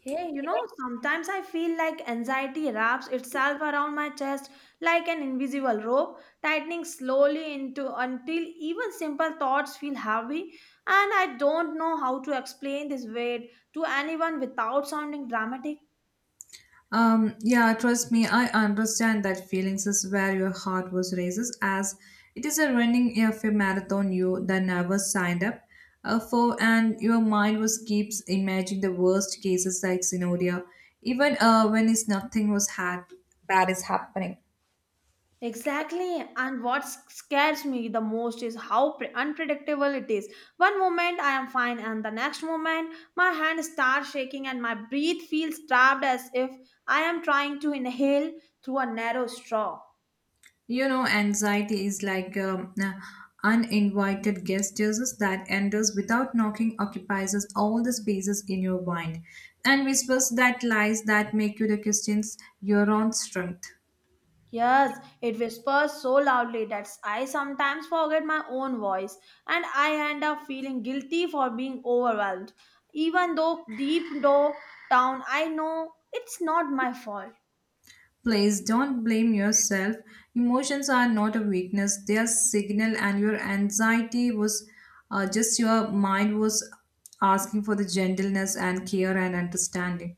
Hey, you know, sometimes I feel like anxiety wraps itself around my chest like an invisible rope, tightening slowly into until even simple thoughts feel heavy, and I don't know how to explain this weight to anyone without sounding dramatic. Yeah, trust me, I understand that feelings is where your heart was races as it is a running of a marathon you that never signed up for and your mind was keeps imagining the worst cases like scenario even when it's nothing was had bad is happening. Exactly, and what scares me the most is how unpredictable it is. One moment I am fine, and the next moment my hand starts shaking and my breath feels trapped as if I am trying to inhale through a narrow straw. You know, anxiety is like uninvited guest Jesus that enters without knocking, occupies us all the spaces in your mind, and whispers that lies that make you the questions your own strength. Yes, it whispers so loudly that I sometimes forget my own voice, and I end up feeling guilty for being overwhelmed, even though deep down I know it's not my fault. Please don't blame yourself. Emotions are not a weakness; they are signal, and your anxiety was just your mind was asking for the gentleness and care and understanding.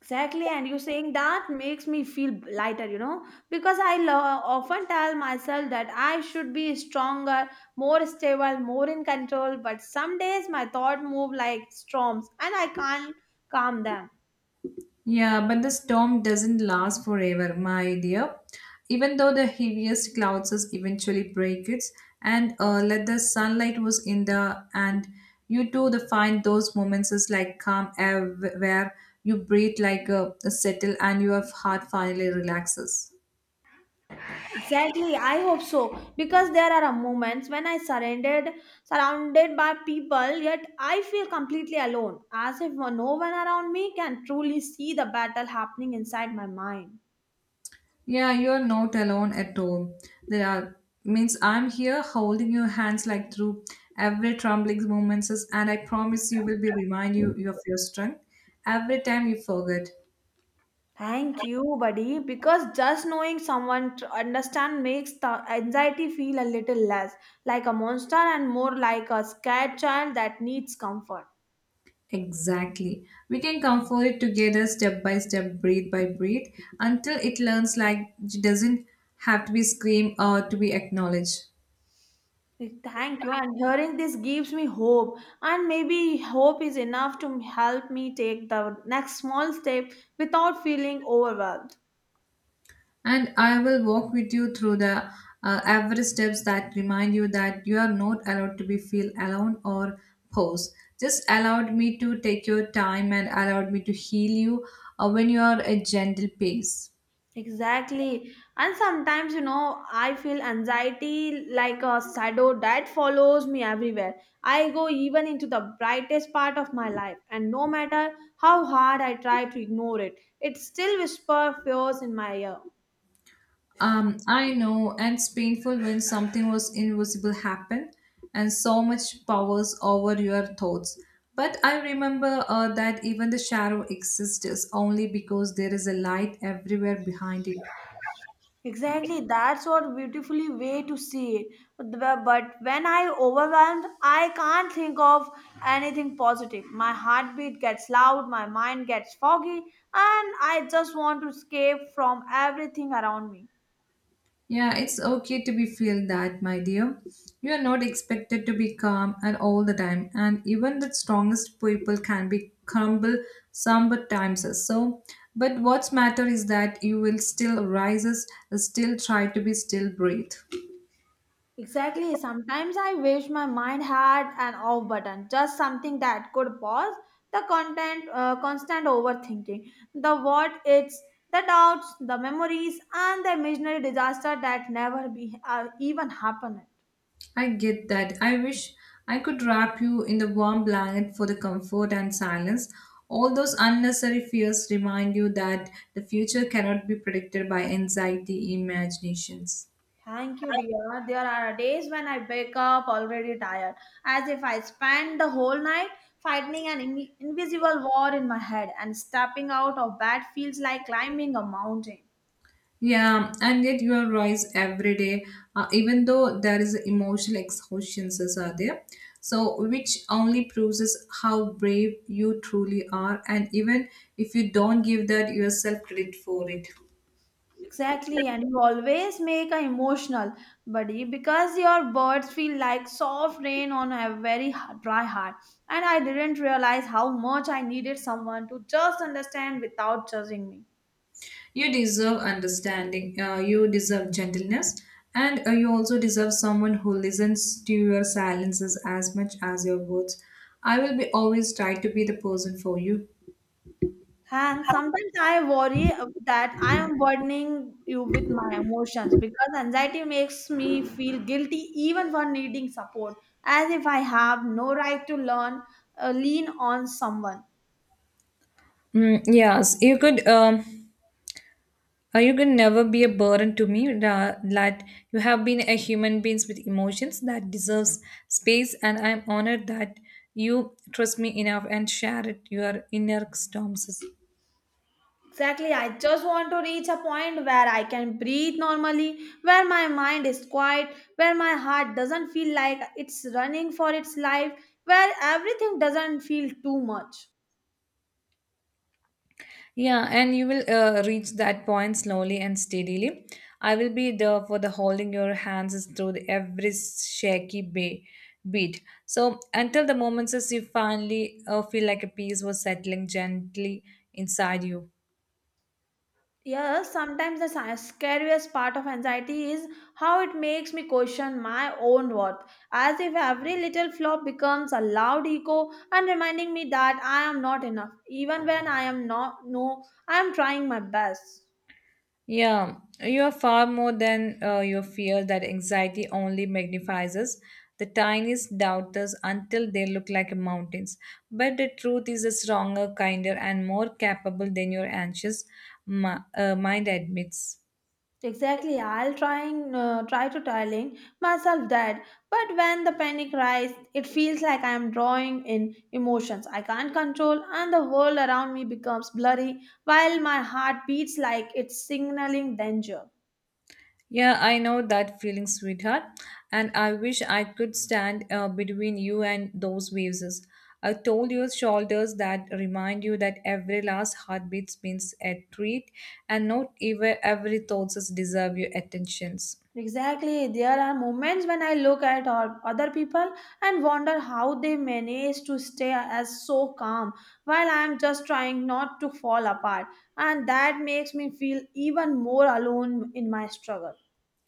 Exactly, and you saying that makes me feel lighter, you know, because I often tell myself that I should be stronger, more stable, more in control, but some days my thoughts move like storms and I can't calm them. Yeah, but the storm doesn't last forever, my dear. Even though the heaviest clouds is eventually break it, and let the sunlight was in the and you too the find those moments is like calm air where you breathe like a settle and your heart finally relaxes. Exactly, I hope so, because there are moments when I surrendered, surrounded by people, yet I feel completely alone, as if no one around me can truly see the battle happening inside my mind. Yeah, you're not alone at all. There are means I'm here holding your hands like through every trembling moments and I promise you will be remind you of your strength every time you forget. Thank you, buddy, because just knowing someone to understand makes the anxiety feel a little less like a monster and more like a scared child that needs comfort. Exactly. We can comfort it together step by step, breath by breath, until it learns like it doesn't have to be screamed or to be acknowledged. Thank you, and hearing this gives me hope, and maybe hope is enough to help me take the next small step without feeling overwhelmed. And I will walk with you through the every steps that remind you that you are not allowed to be feel alone or pause. Just allowed me to take your time and allowed me to heal you when you are at gentle pace. Exactly. And sometimes, you know, I feel anxiety like a shadow that follows me everywhere. I go even into the brightest part of my life, and no matter how hard I try to ignore it, it still whispers fears in my ear. I know, and it's painful when something was invisible happened, and so much powers over your thoughts. But I remember that even the shadow exists only because there is a light everywhere behind it. Exactly, that's what beautifully way to see it. But when I overwhelmed, I can't think of anything positive. My heartbeat gets loud, my mind gets foggy, and I just want to escape from everything around me. Yeah, it's okay to be feel that, my dear. You are not expected to be calm at all the time, and even the strongest people can be crumble some but times. As So, but what's matter is that you will still rises, still try to be still breathe. Exactly. Sometimes I wish my mind had an off button, just something that could pause the constant overthinking, the what ifs, the doubts, the memories, and the imaginary disaster that never be even happened. I get that. I wish I could wrap you in the warm blanket for the comfort and silence. All those unnecessary fears remind you that the future cannot be predicted by anxiety imaginations. Thank you, dear. There are days when I wake up already tired, as if I spent the whole night fighting an invisible war in my head, and stepping out of bed feels like climbing a mountain. Yeah, and yet you rise every day, even though there is emotional exhaustions as are there. So, which only proves us how brave you truly are, and even if you don't give that yourself credit for it, Exactly, and you always make an emotional buddy because your words feel like soft rain on a very dry heart. And I didn't realize how much I needed someone to just understand without judging me. you deserve understanding. You deserve gentleness, and you also deserve someone who listens to your silences as much as your words. I will be always try to be the person for you. And sometimes I worry that I am burdening you with my emotions because anxiety makes me feel guilty even for needing support, as if I have no right to lean on someone. Mm, yes, you could. You can never be a burden to me. That you have been a human being with emotions that deserves space, and I am honored that you trust me enough and share it your inner storms. Exactly. I just want to reach a point where I can breathe normally, where my mind is quiet, where my heart doesn't feel like it's running for its life, where everything doesn't feel too much. Yeah, and you will reach that point slowly and steadily. I will be there for the holding your hands through the every shaky bay beat. So until the moments as you finally feel like a peace was settling gently inside you. Yes, sometimes the scariest part of anxiety is how it makes me question my own worth, as if every little flop becomes a loud echo and reminding me that I am not enough, even when I am not, no, I am trying my best. Yeah, you are far more than your fear that anxiety only magnifies us. The tiniest doubters until they look like mountains. But the truth is a stronger, kinder, and more capable than your anxious mind admits. Exactly, I'll trying try to telling myself that, but when the panic rises, it feels like I am drawing in emotions I can't control, and the world around me becomes blurry while my heart beats like it's signaling danger. Yeah, I know that feeling, sweetheart. And I wish I could stand between you and those waves. I told your shoulders that remind you that every last heartbeat means a treat, and not even every thought deserve your attentions. Exactly, there are moments when I look at all other people and wonder how they manage to stay as so calm while I am just trying not to fall apart, and that makes me feel even more alone in my struggle.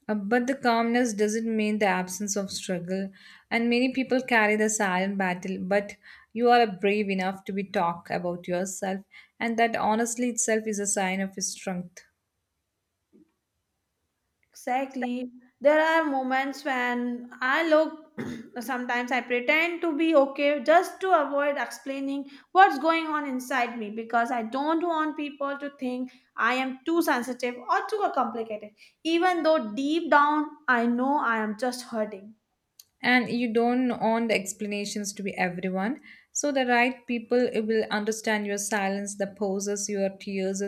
But the calmness doesn't mean the absence of struggle, and many people carry the silent battle. But you are brave enough to be talk about yourself, and that honestly itself is a sign of strength. Exactly. There are moments when I look, sometimes I pretend to be okay just to avoid explaining what's going on inside me because I don't want people to think I am too sensitive or too complicated, even though deep down I know I am just hurting. And you don't want the explanations to be everyone so the right people will understand your silence the pauses your tears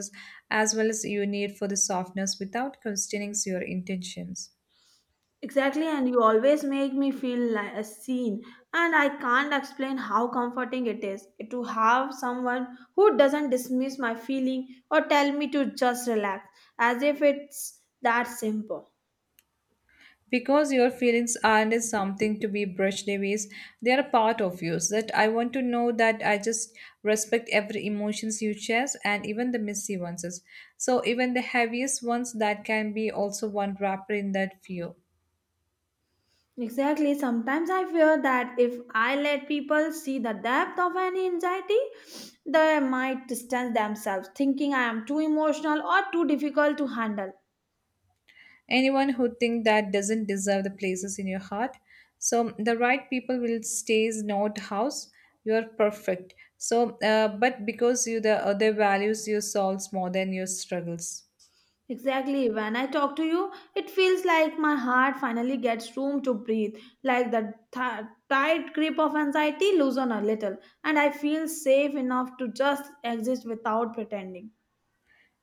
as well as your need for the softness without questioning your intentions Exactly, and you always make me feel like a scene, and I can't explain how comforting it is to have someone who doesn't dismiss my feeling or tell me to just relax, as if it's that simple. because your feelings aren't as something to be brushed away. They are a part of you so that I want to know that I just respect every emotions you share and even the messy ones so even the heaviest ones that can be also one wrapper in that view. Exactly, sometimes I fear that if I let people see the depth of any anxiety, they might distance themselves, thinking I am too emotional or too difficult to handle. Anyone who think that doesn't deserve the places in your heart. So the right people will stays not house. You are perfect. So, but because you the other values your souls more than your struggles. Exactly. When I talk to you, it feels like my heart finally gets room to breathe, like the tight grip of anxiety loosen a little, and I feel safe enough to just exist without pretending.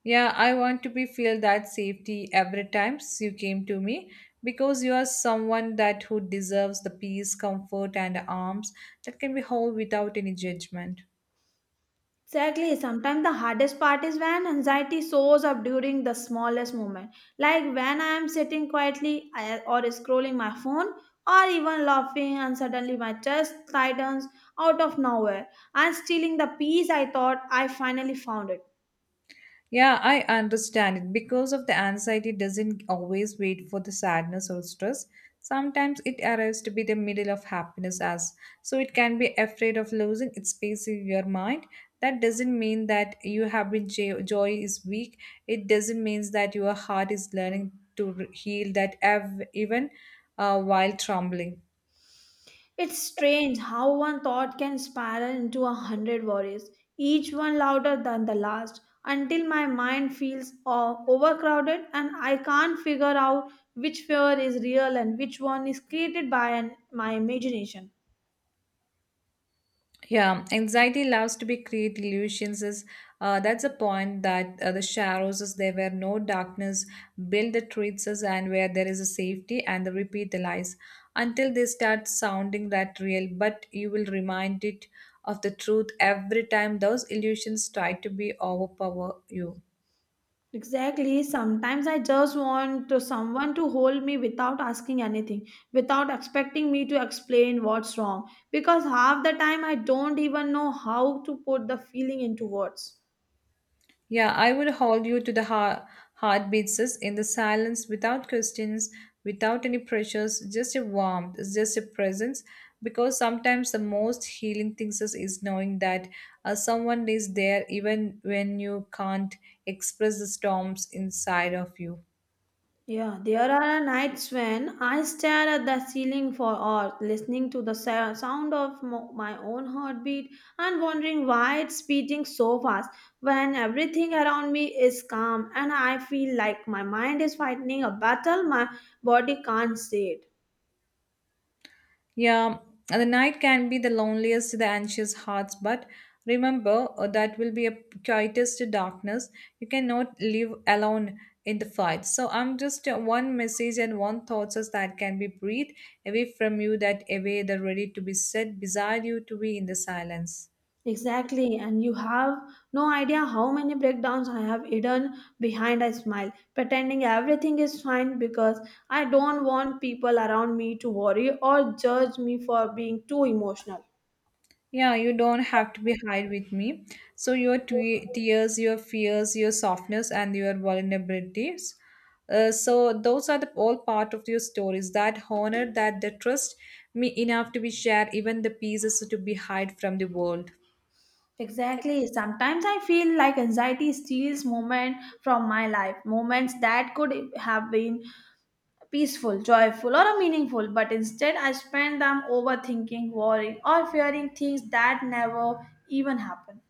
Yeah, I want to be feel that safety every time you came to me because you are someone that who deserves the peace, comfort, and arms that can be held without any judgment. Exactly. Sometimes the hardest part is when anxiety shows up during the smallest moment, like when I am sitting quietly or scrolling my phone or even laughing, and suddenly my chest tightens out of nowhere and stealing the peace I thought I finally found it. Yeah, I understand it. Because of the anxiety doesn't always wait for the sadness or stress. Sometimes it arrives to be the middle of happiness as so it can be afraid of losing its space in your mind. That doesn't mean that you have been joy is weak. It doesn't mean that your heart is learning to heal that even while trembling. It's strange how one thought can spiral into a hundred worries, each one louder than the last, until my mind feels overcrowded and I can't figure out which fear is real and which one is created by my imagination. Yeah, anxiety loves to be create illusions is that's a point that the shadows is there where no darkness build the truths is and where there is a safety and the repeat the lies until they start sounding that real but you will remind it of the truth every time those illusions try to be overpower you. Exactly, sometimes I just want to someone to hold me without asking anything, without expecting me to explain what's wrong, because half the time I don't even know how to put the feeling into words. Yeah, I would hold you to the heart, heartbeats in the silence without questions, without any pressures, just a warmth, just a presence. Because sometimes the most healing things is knowing that someone is there even when you can't express the storms inside of you. Yeah, there are nights when I stare at the ceiling for hours, listening to the sound of my own heartbeat and wondering why it's beating so fast when everything around me is calm and I feel like my mind is fighting a battle my body can't see it. Yeah, the night can be the loneliest, to the anxious hearts, but remember that will be a quietest darkness. You cannot live alone in the fight. So I'm just one message and one thoughts is that can be breathed away from you, that away, that ready to be set beside you to be in the silence. Exactly, and you have no idea how many breakdowns I have hidden behind a smile, pretending everything is fine because I don't want people around me to worry or judge me for being too emotional. Yeah, you don't have to be hide with me. So your twe tears, your fears, your softness, and your vulnerabilities. So those are the all part of your stories that honor that they trust me enough to be shared, even the pieces to be hide from the world. Exactly, sometimes I feel like anxiety steals moments from my life, moments that could have been peaceful, joyful, or meaningful, but instead I spend them overthinking, worrying, or fearing things that never even happen.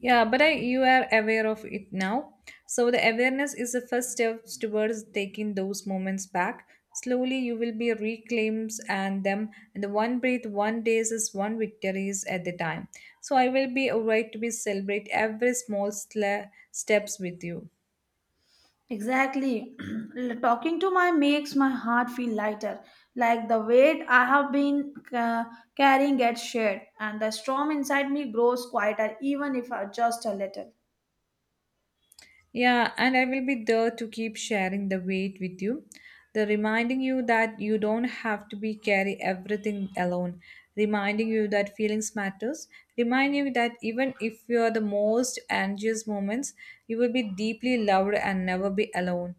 Yeah, but I, you are aware of it now. So the awareness is the first step towards taking those moments back. Slowly, you will be reclaims and them, and the one breath, one days is one victories at the time. So I will be alright to be celebrate every small steps with you. Exactly. Talking to my makes my heart feel lighter, like the weight I have been carrying gets shared, and the storm inside me grows quieter, even if I just a little. Yeah, and I will be there to keep sharing the weight with you. The reminding you that you don't have to be carry everything alone. Reminding you that feelings matters. Reminding you that even if you are the most anxious moments, you will be deeply loved and never be alone.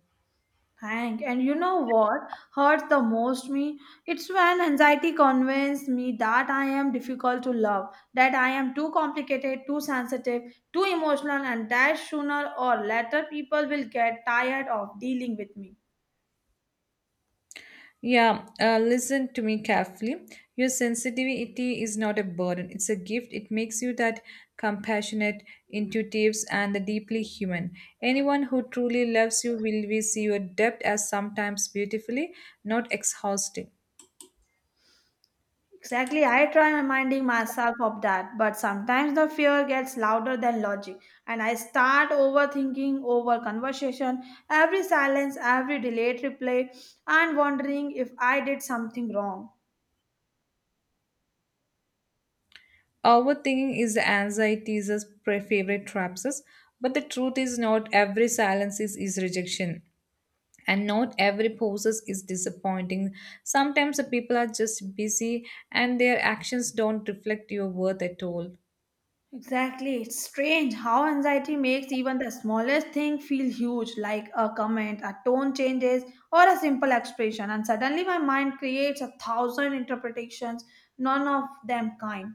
Hank, and you know what hurts the most me? It's when anxiety convinces me that I am difficult to love, that I am too complicated, too sensitive, too emotional, and that sooner or later people will get tired of dealing with me. Yeah, listen to me carefully. Your sensitivity is not a burden, it's a gift. It makes you that compassionate, intuitive, and deeply human. Anyone who truly loves you will see your depth as sometimes beautifully, not exhausting. Exactly, I try reminding myself of that, but sometimes the fear gets louder than logic, and I start overthinking over conversation, every silence, every delayed reply, and wondering if I did something wrong. Overthinking is the anxiety's favorite traps, but the truth is not every silence is rejection. And not every process is disappointing. Sometimes the people are just busy and their actions don't reflect your worth at all. Exactly, it's strange how anxiety makes even the smallest thing feel huge, like a comment, a tone changes, or a simple expression, and suddenly my mind creates a thousand interpretations, none of them kind.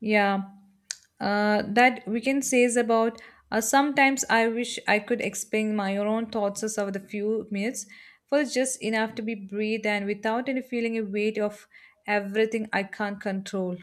Yeah, that we can say is about sometimes I wish I could explain my own thoughts as over the few minutes for just enough to be breathed and without any feeling a weight of everything I can't control.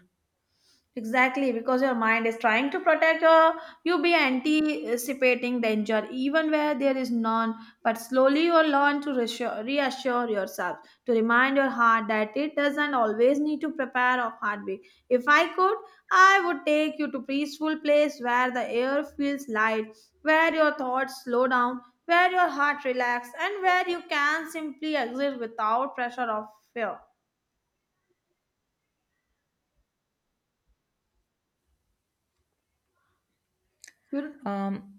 Exactly, because your mind is trying to protect or you be anticipating danger even where there is none. But slowly you learn to reassure yourself, to remind your heart that it doesn't always need to prepare of heartbeat. If I could, I would take you to peaceful place where the air feels light, where your thoughts slow down, where your heart relax, and where you can simply exist without pressure of fear. um,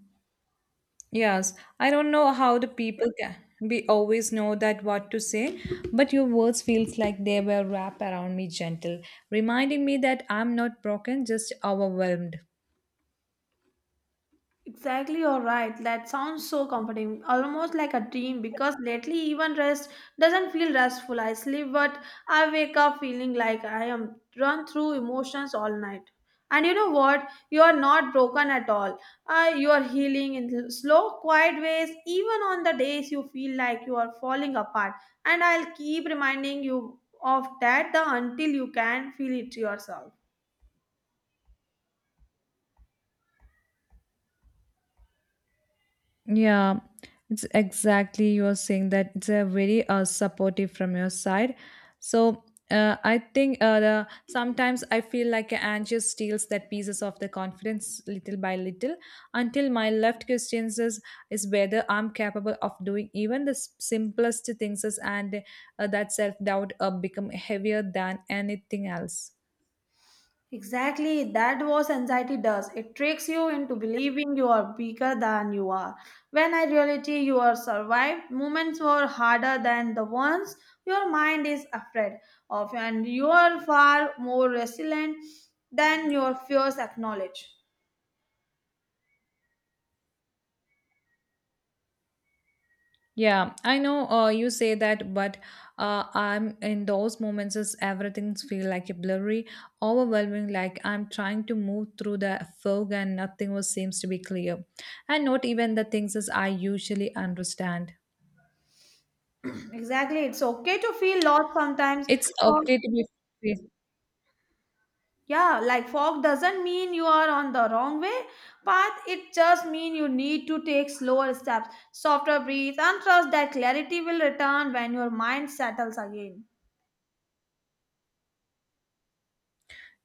Yes, I don't know how the people can. We always know that what to say, but your words feels like they were wrapped around me gentle, reminding me that I'm not broken, just overwhelmed. Exactly, you're right. That sounds so comforting, almost like a dream. Because lately, even rest doesn't feel restful. I sleep, but I wake up feeling like I am run through emotions all night. And you know what? You are not broken at all. You are healing in slow, quiet ways, even on the days you feel like you are falling apart. And I'll keep reminding you of that until you can feel it yourself. Yeah, it's exactly you are saying that it's a very supportive from your side. So I think sometimes I feel like Angie steals that pieces of the confidence little by little until my left question is whether I'm capable of doing even the simplest things is, and that self doubt become heavier than anything else. Exactly, that was anxiety does. It tricks you into believing you are bigger than you are. When in reality you are survived, moments were harder than the ones your mind is afraid of, and you are far more resilient than your fears acknowledge. Yeah, I know you say that, but I'm in those moments is everything feel like a blurry, overwhelming, like I'm trying to move through the fog and nothing was seems to be clear. And not even the things as I usually understand. Exactly, it's okay to feel lost sometimes. It's okay to be. Yeah, like fog doesn't mean you are on the wrong way path. It just means you need to take slower steps, softer breathe, and trust that clarity will return when your mind settles again.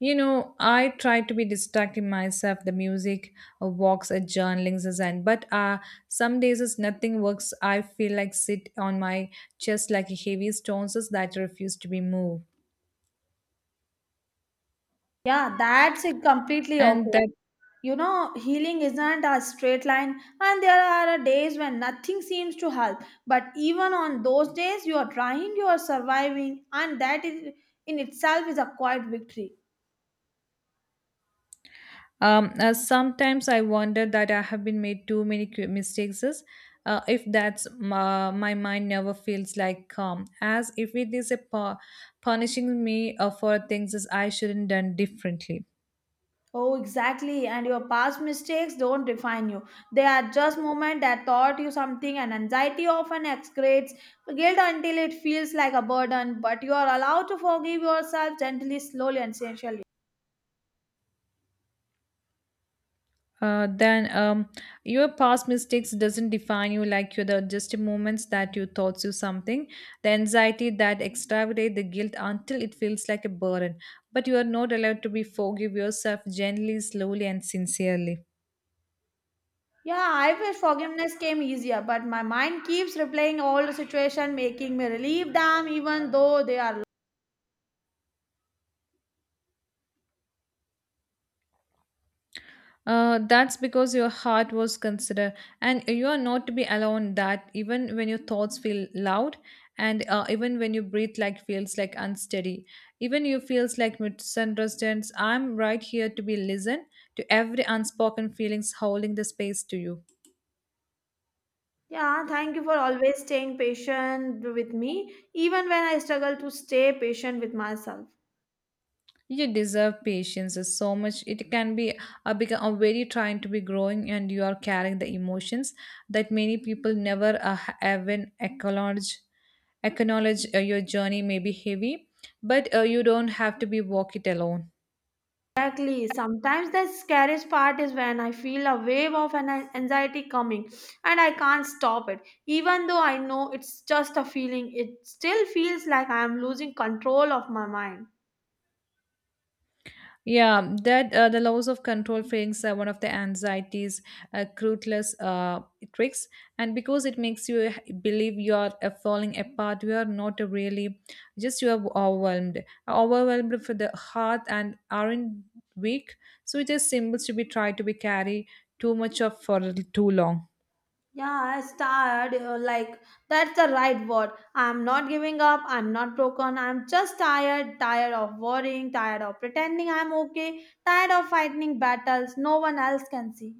You know, I try to be distracting myself, the music, walks, journalings, as and but some days as nothing works, I feel like sit on my chest like a heavy stones as that refuse to be moved. Yeah, that's it completely And okay. that You know, healing isn't a straight line, and there are days when nothing seems to help, but even on those days you are trying, you are surviving, and that is in itself is a quiet victory. Sometimes I wonder that I have been made too many mistakes is, if that's my, my mind never feels like calm as if it is a punishing me for things as I shouldn't done differently. Oh, exactly. And your past mistakes don't define you. They are just moments that taught you something, and anxiety often excretes guilt until it feels like a burden. But you are allowed to forgive yourself gently, slowly, and sincerely. Then Your past mistakes doesn't define you like you're the just moments that you thought you something. The anxiety that extravagate the guilt until it feels like a burden, but you are not allowed to be forgive yourself gently, slowly and sincerely. Yeah, I wish forgiveness came easier, but my mind keeps replaying all the situation, making me relieve them, even though they are. That's because your heart was considered, and you are not to be alone. That even when your thoughts feel loud, and even when you breathe like feels like unsteady, even you feels like misunderstands. I'm right here to be listened to every unspoken feelings holding the space to you. Yeah, thank you for always staying patient with me, even when I struggle to stay patient with myself. You deserve patience is so much. It can be a become a very trying to be growing, and you are carrying the emotions that many people never even acknowledge. Your journey may be heavy, but you don't have to be walk it alone. Exactly. Sometimes the scariest part is when I feel a wave of an anxiety coming and I can't stop it. Even though I know it's just a feeling, it still feels like I am losing control of my mind. Yeah, that the loss of control brings are one of the anxieties, ruthless tricks, and because it makes you believe you are falling apart, you are not really, just you are overwhelmed for the heart and aren't weak. So it is symbols to be tried to be carry too much of for too long. Yeah, I tired. Like, that's the right word. I'm not giving up. I'm not broken. I'm just tired. Tired of worrying. Tired of pretending I'm okay. Tired of fighting battles no one else can see.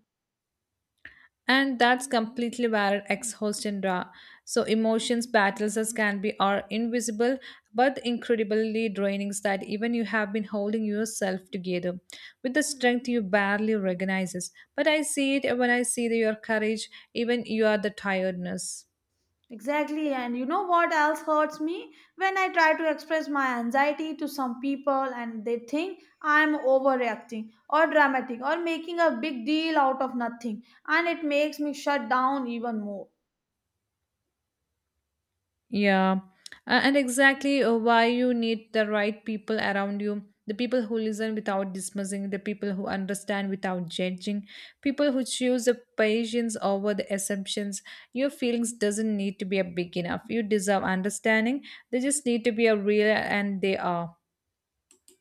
And that's completely valid ex-host and raw. So emotions, battles as can be are invisible but incredibly draining that even you have been holding yourself together with the strength you barely recognizes. But I see it when I see your courage, even you are the tiredness. Exactly. And you know what else hurts me? When I try to express my anxiety to some people and they think I'm overreacting or dramatic or making a big deal out of nothing. And it makes me shut down even more. Yeah, and exactly why you need the right people around you, the people who listen without dismissing, the people who understand without judging, people who choose the patience over the assumptions. Your feelings doesn't need to be a big enough. You deserve understanding. They just need to be a real and they are.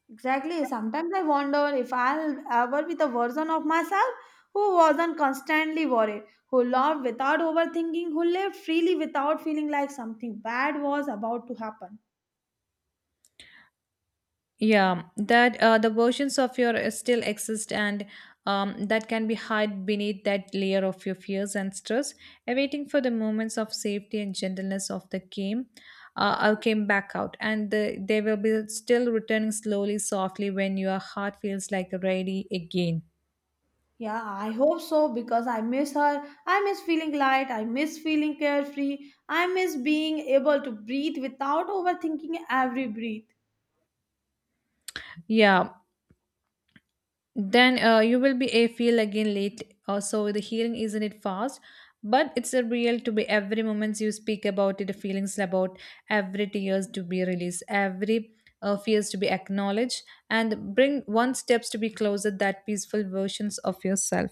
Exactly. Sometimes I wonder if I'll ever be the version of myself who wasn't constantly worried, who loved without overthinking, who lived freely without feeling like something bad was about to happen. Yeah, that the versions of your still exist and that can be hide beneath that layer of your fears and stress, awaiting for the moments of safety and gentleness of the game. I came back out, and the, they will be still returning slowly, softly when your heart feels like ready again. Yeah, I hope so because I miss her. I miss feeling light. I miss feeling carefree. I miss being able to breathe without overthinking every breath. Yeah, then you will be a feel again late so the healing isn't it fast, but it's a real to be every moments you speak about it the feelings about every tears to be released, every fears to be acknowledged, and bring one steps to be closer that peaceful versions of yourself.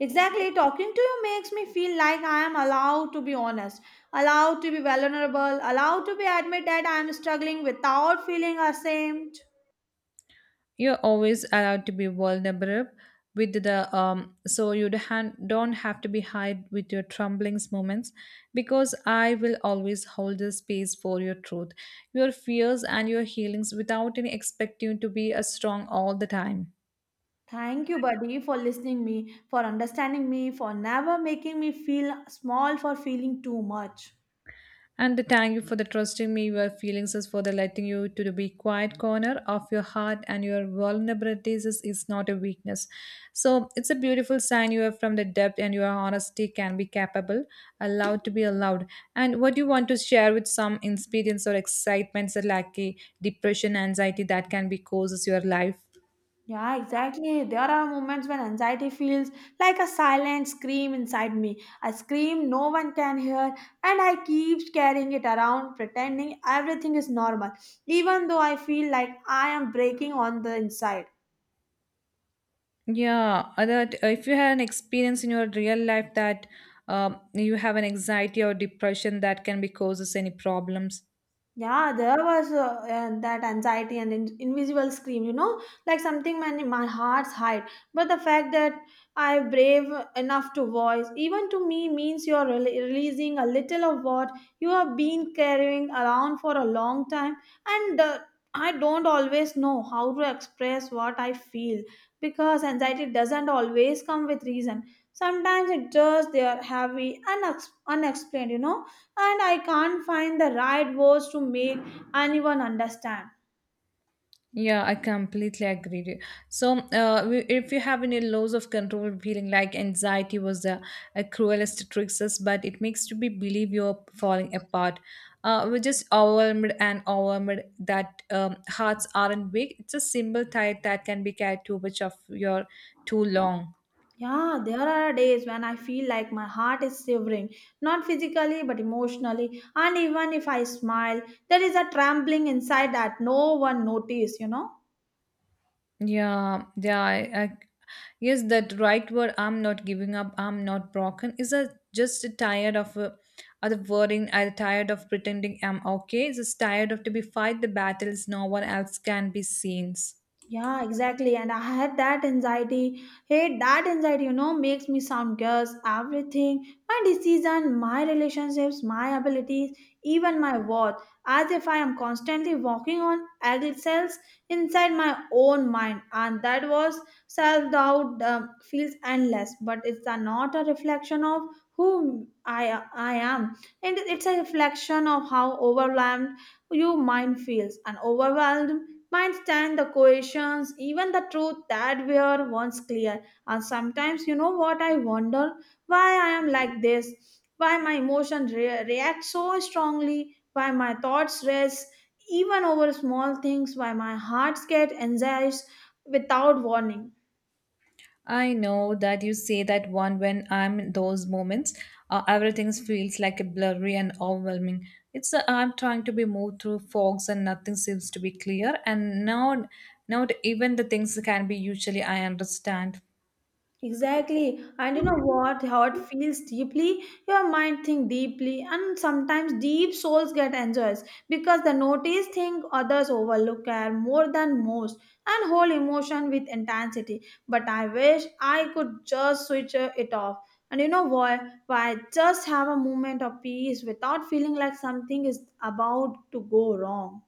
Exactly, talking to you makes me feel like I am allowed to be honest, allowed to be vulnerable, allowed to be admit that I am struggling without feeling ashamed. You're always allowed to be vulnerable with the so you don't have to be hide with your tremblings moments, because I will always hold the space for your truth, your fears and your healings without any expecting to be a strong all the time. Thank you, buddy, for listening me, for understanding me, for never making me feel small for feeling too much. And thank you for the trusting me, your feelings is for the letting you to the be quiet corner of your heart and your vulnerabilities is not a weakness. So it's a beautiful sign you are from the depth and your honesty can be capable, allowed to be allowed. And what you want to share with some experience or excitements or like a depression, anxiety that can be causes your life. Yeah, exactly. There are moments when anxiety feels like a silent scream inside me. A scream no one can hear, and I keep carrying it around, pretending everything is normal, even though I feel like I am breaking on the inside. Yeah, that if you had an experience in your real life that you have an anxiety or depression that can be causes any problems. Yeah, there was that anxiety and invisible scream, you know, like something my heart's hide. But the fact that I brave enough to voice, even to me, means you're releasing a little of what you have been carrying around for a long time. And I don't always know how to express what I feel because anxiety doesn't always come with reason. Sometimes it just they are heavy and unexplained, you know, and I can't find the right words to make anyone understand. Yeah, I completely agree with you. So, if you have any loss of control feeling like anxiety was the a cruelest tricks us, but it makes you be believe you're falling apart. We're just overwhelmed that hearts aren't big. It's a simple tide that can be carried too much of your too long. Yeah, there are days when I feel like my heart is shivering, not physically but emotionally, and even if I smile, there is a trembling inside that no one notices, you know. Yeah, yeah, I, Yes, that right word, I'm not giving up, I'm not broken, is a just a tired of other wording, I'm tired of pretending I'm okay, just tired of to be fight the battles no one else can be seen. Yeah, exactly. And I had that anxiety. Hey, that anxiety, you know, makes me sound girls, everything, my decision, my relationships, my abilities, even my worth, as if I am constantly walking on eggshells inside my own mind. And that was self doubt feels endless, but not a reflection of who I am. And it's a reflection of how overwhelmed your mind feels. And overwhelmed might stand the coercions, even the truth that were once clear. And sometimes, you know what, I wonder why I am like this, why my emotions react so strongly, why my thoughts race even over small things, why my heart gets anxious without warning. I know that you say that one when I'm in those moments, everything feels like a blurry and overwhelming. It's I'm trying to be moved through fogs and nothing seems to be clear, and now, not even the things can be usually I understand. Exactly. And you know what? How it feels deeply, your mind think deeply, and sometimes deep souls get enjoys because the notice thing others overlook care more than most and hold emotion with intensity. But I wish I could just switch it off. And you know what? Why just have a moment of peace without feeling like something is about to go wrong.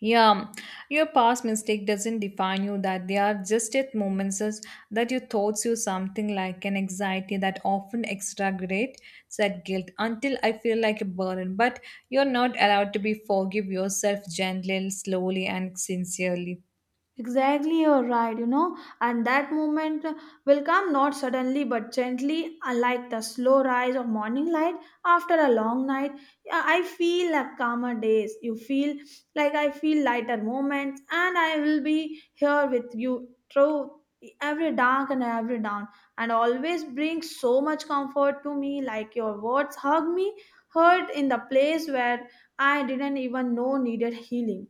Yeah, your past mistake doesn't define you that they are just at moments that your thoughts you something like an anxiety that often exaggerate said guilt until I feel like a burden. But you're not allowed to be forgive yourself gently, slowly and sincerely. Exactly, you're right, you know, and that moment will come not suddenly but gently, like the slow rise of morning light after a long night. Yeah, I feel like calmer days. You feel like I feel lighter moments, and I will be here with you through every dark and every dawn, and always bring so much comfort to me. Like your words hug me, hurt in the place where I didn't even know needed healing.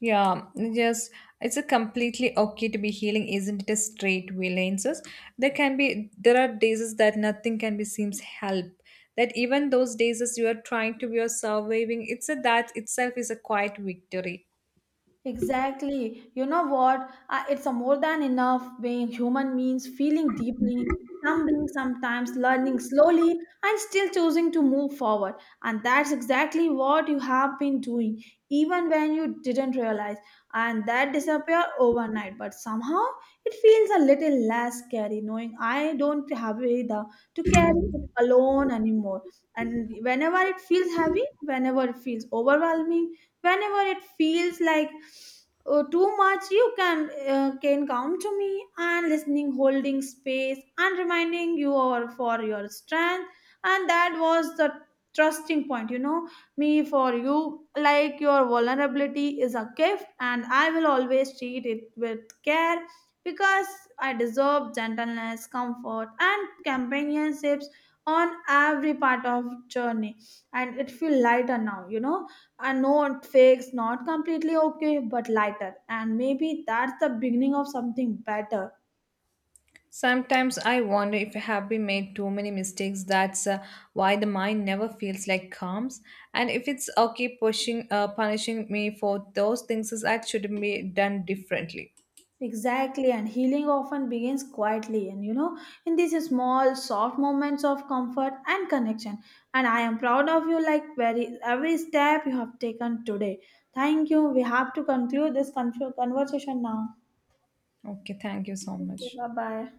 Yeah, yes, it's a completely okay to be healing, isn't it? A straight violences. There can be there are days that nothing can be seems help. That even those days as you are trying to be or surviving, it's a that itself is a quiet victory. Exactly. You know what? It's a more than enough being human means feeling deeply, stumbling sometimes, learning slowly, and still choosing to move forward. And that's exactly what you have been doing, even when you didn't realize. And that disappear overnight. But somehow it feels a little less scary knowing I don't have the to carry it alone anymore. And whenever it feels heavy, whenever it feels overwhelming, whenever it feels like too much, you can come to me and listening holding space and reminding you or for your strength, and that was the trusting point, you know, me for you, like your vulnerability is a gift, and I will always treat it with care, because I deserve gentleness, comfort, and companionships on every part of journey. And it feel lighter now, you know, I know it not completely okay, but lighter. And maybe that's the beginning of something better. Sometimes I wonder if I have been made too many mistakes. That's why the mind never feels like calms. And if it's okay pushing, punishing me for those things, that should be done differently. Exactly, and healing often begins quietly, and you know, in these small, soft moments of comfort and connection. And I am proud of you, like very every step you have taken today. Thank you. We have to conclude this conversation now. Okay, thank you so Thank you. much. Bye bye.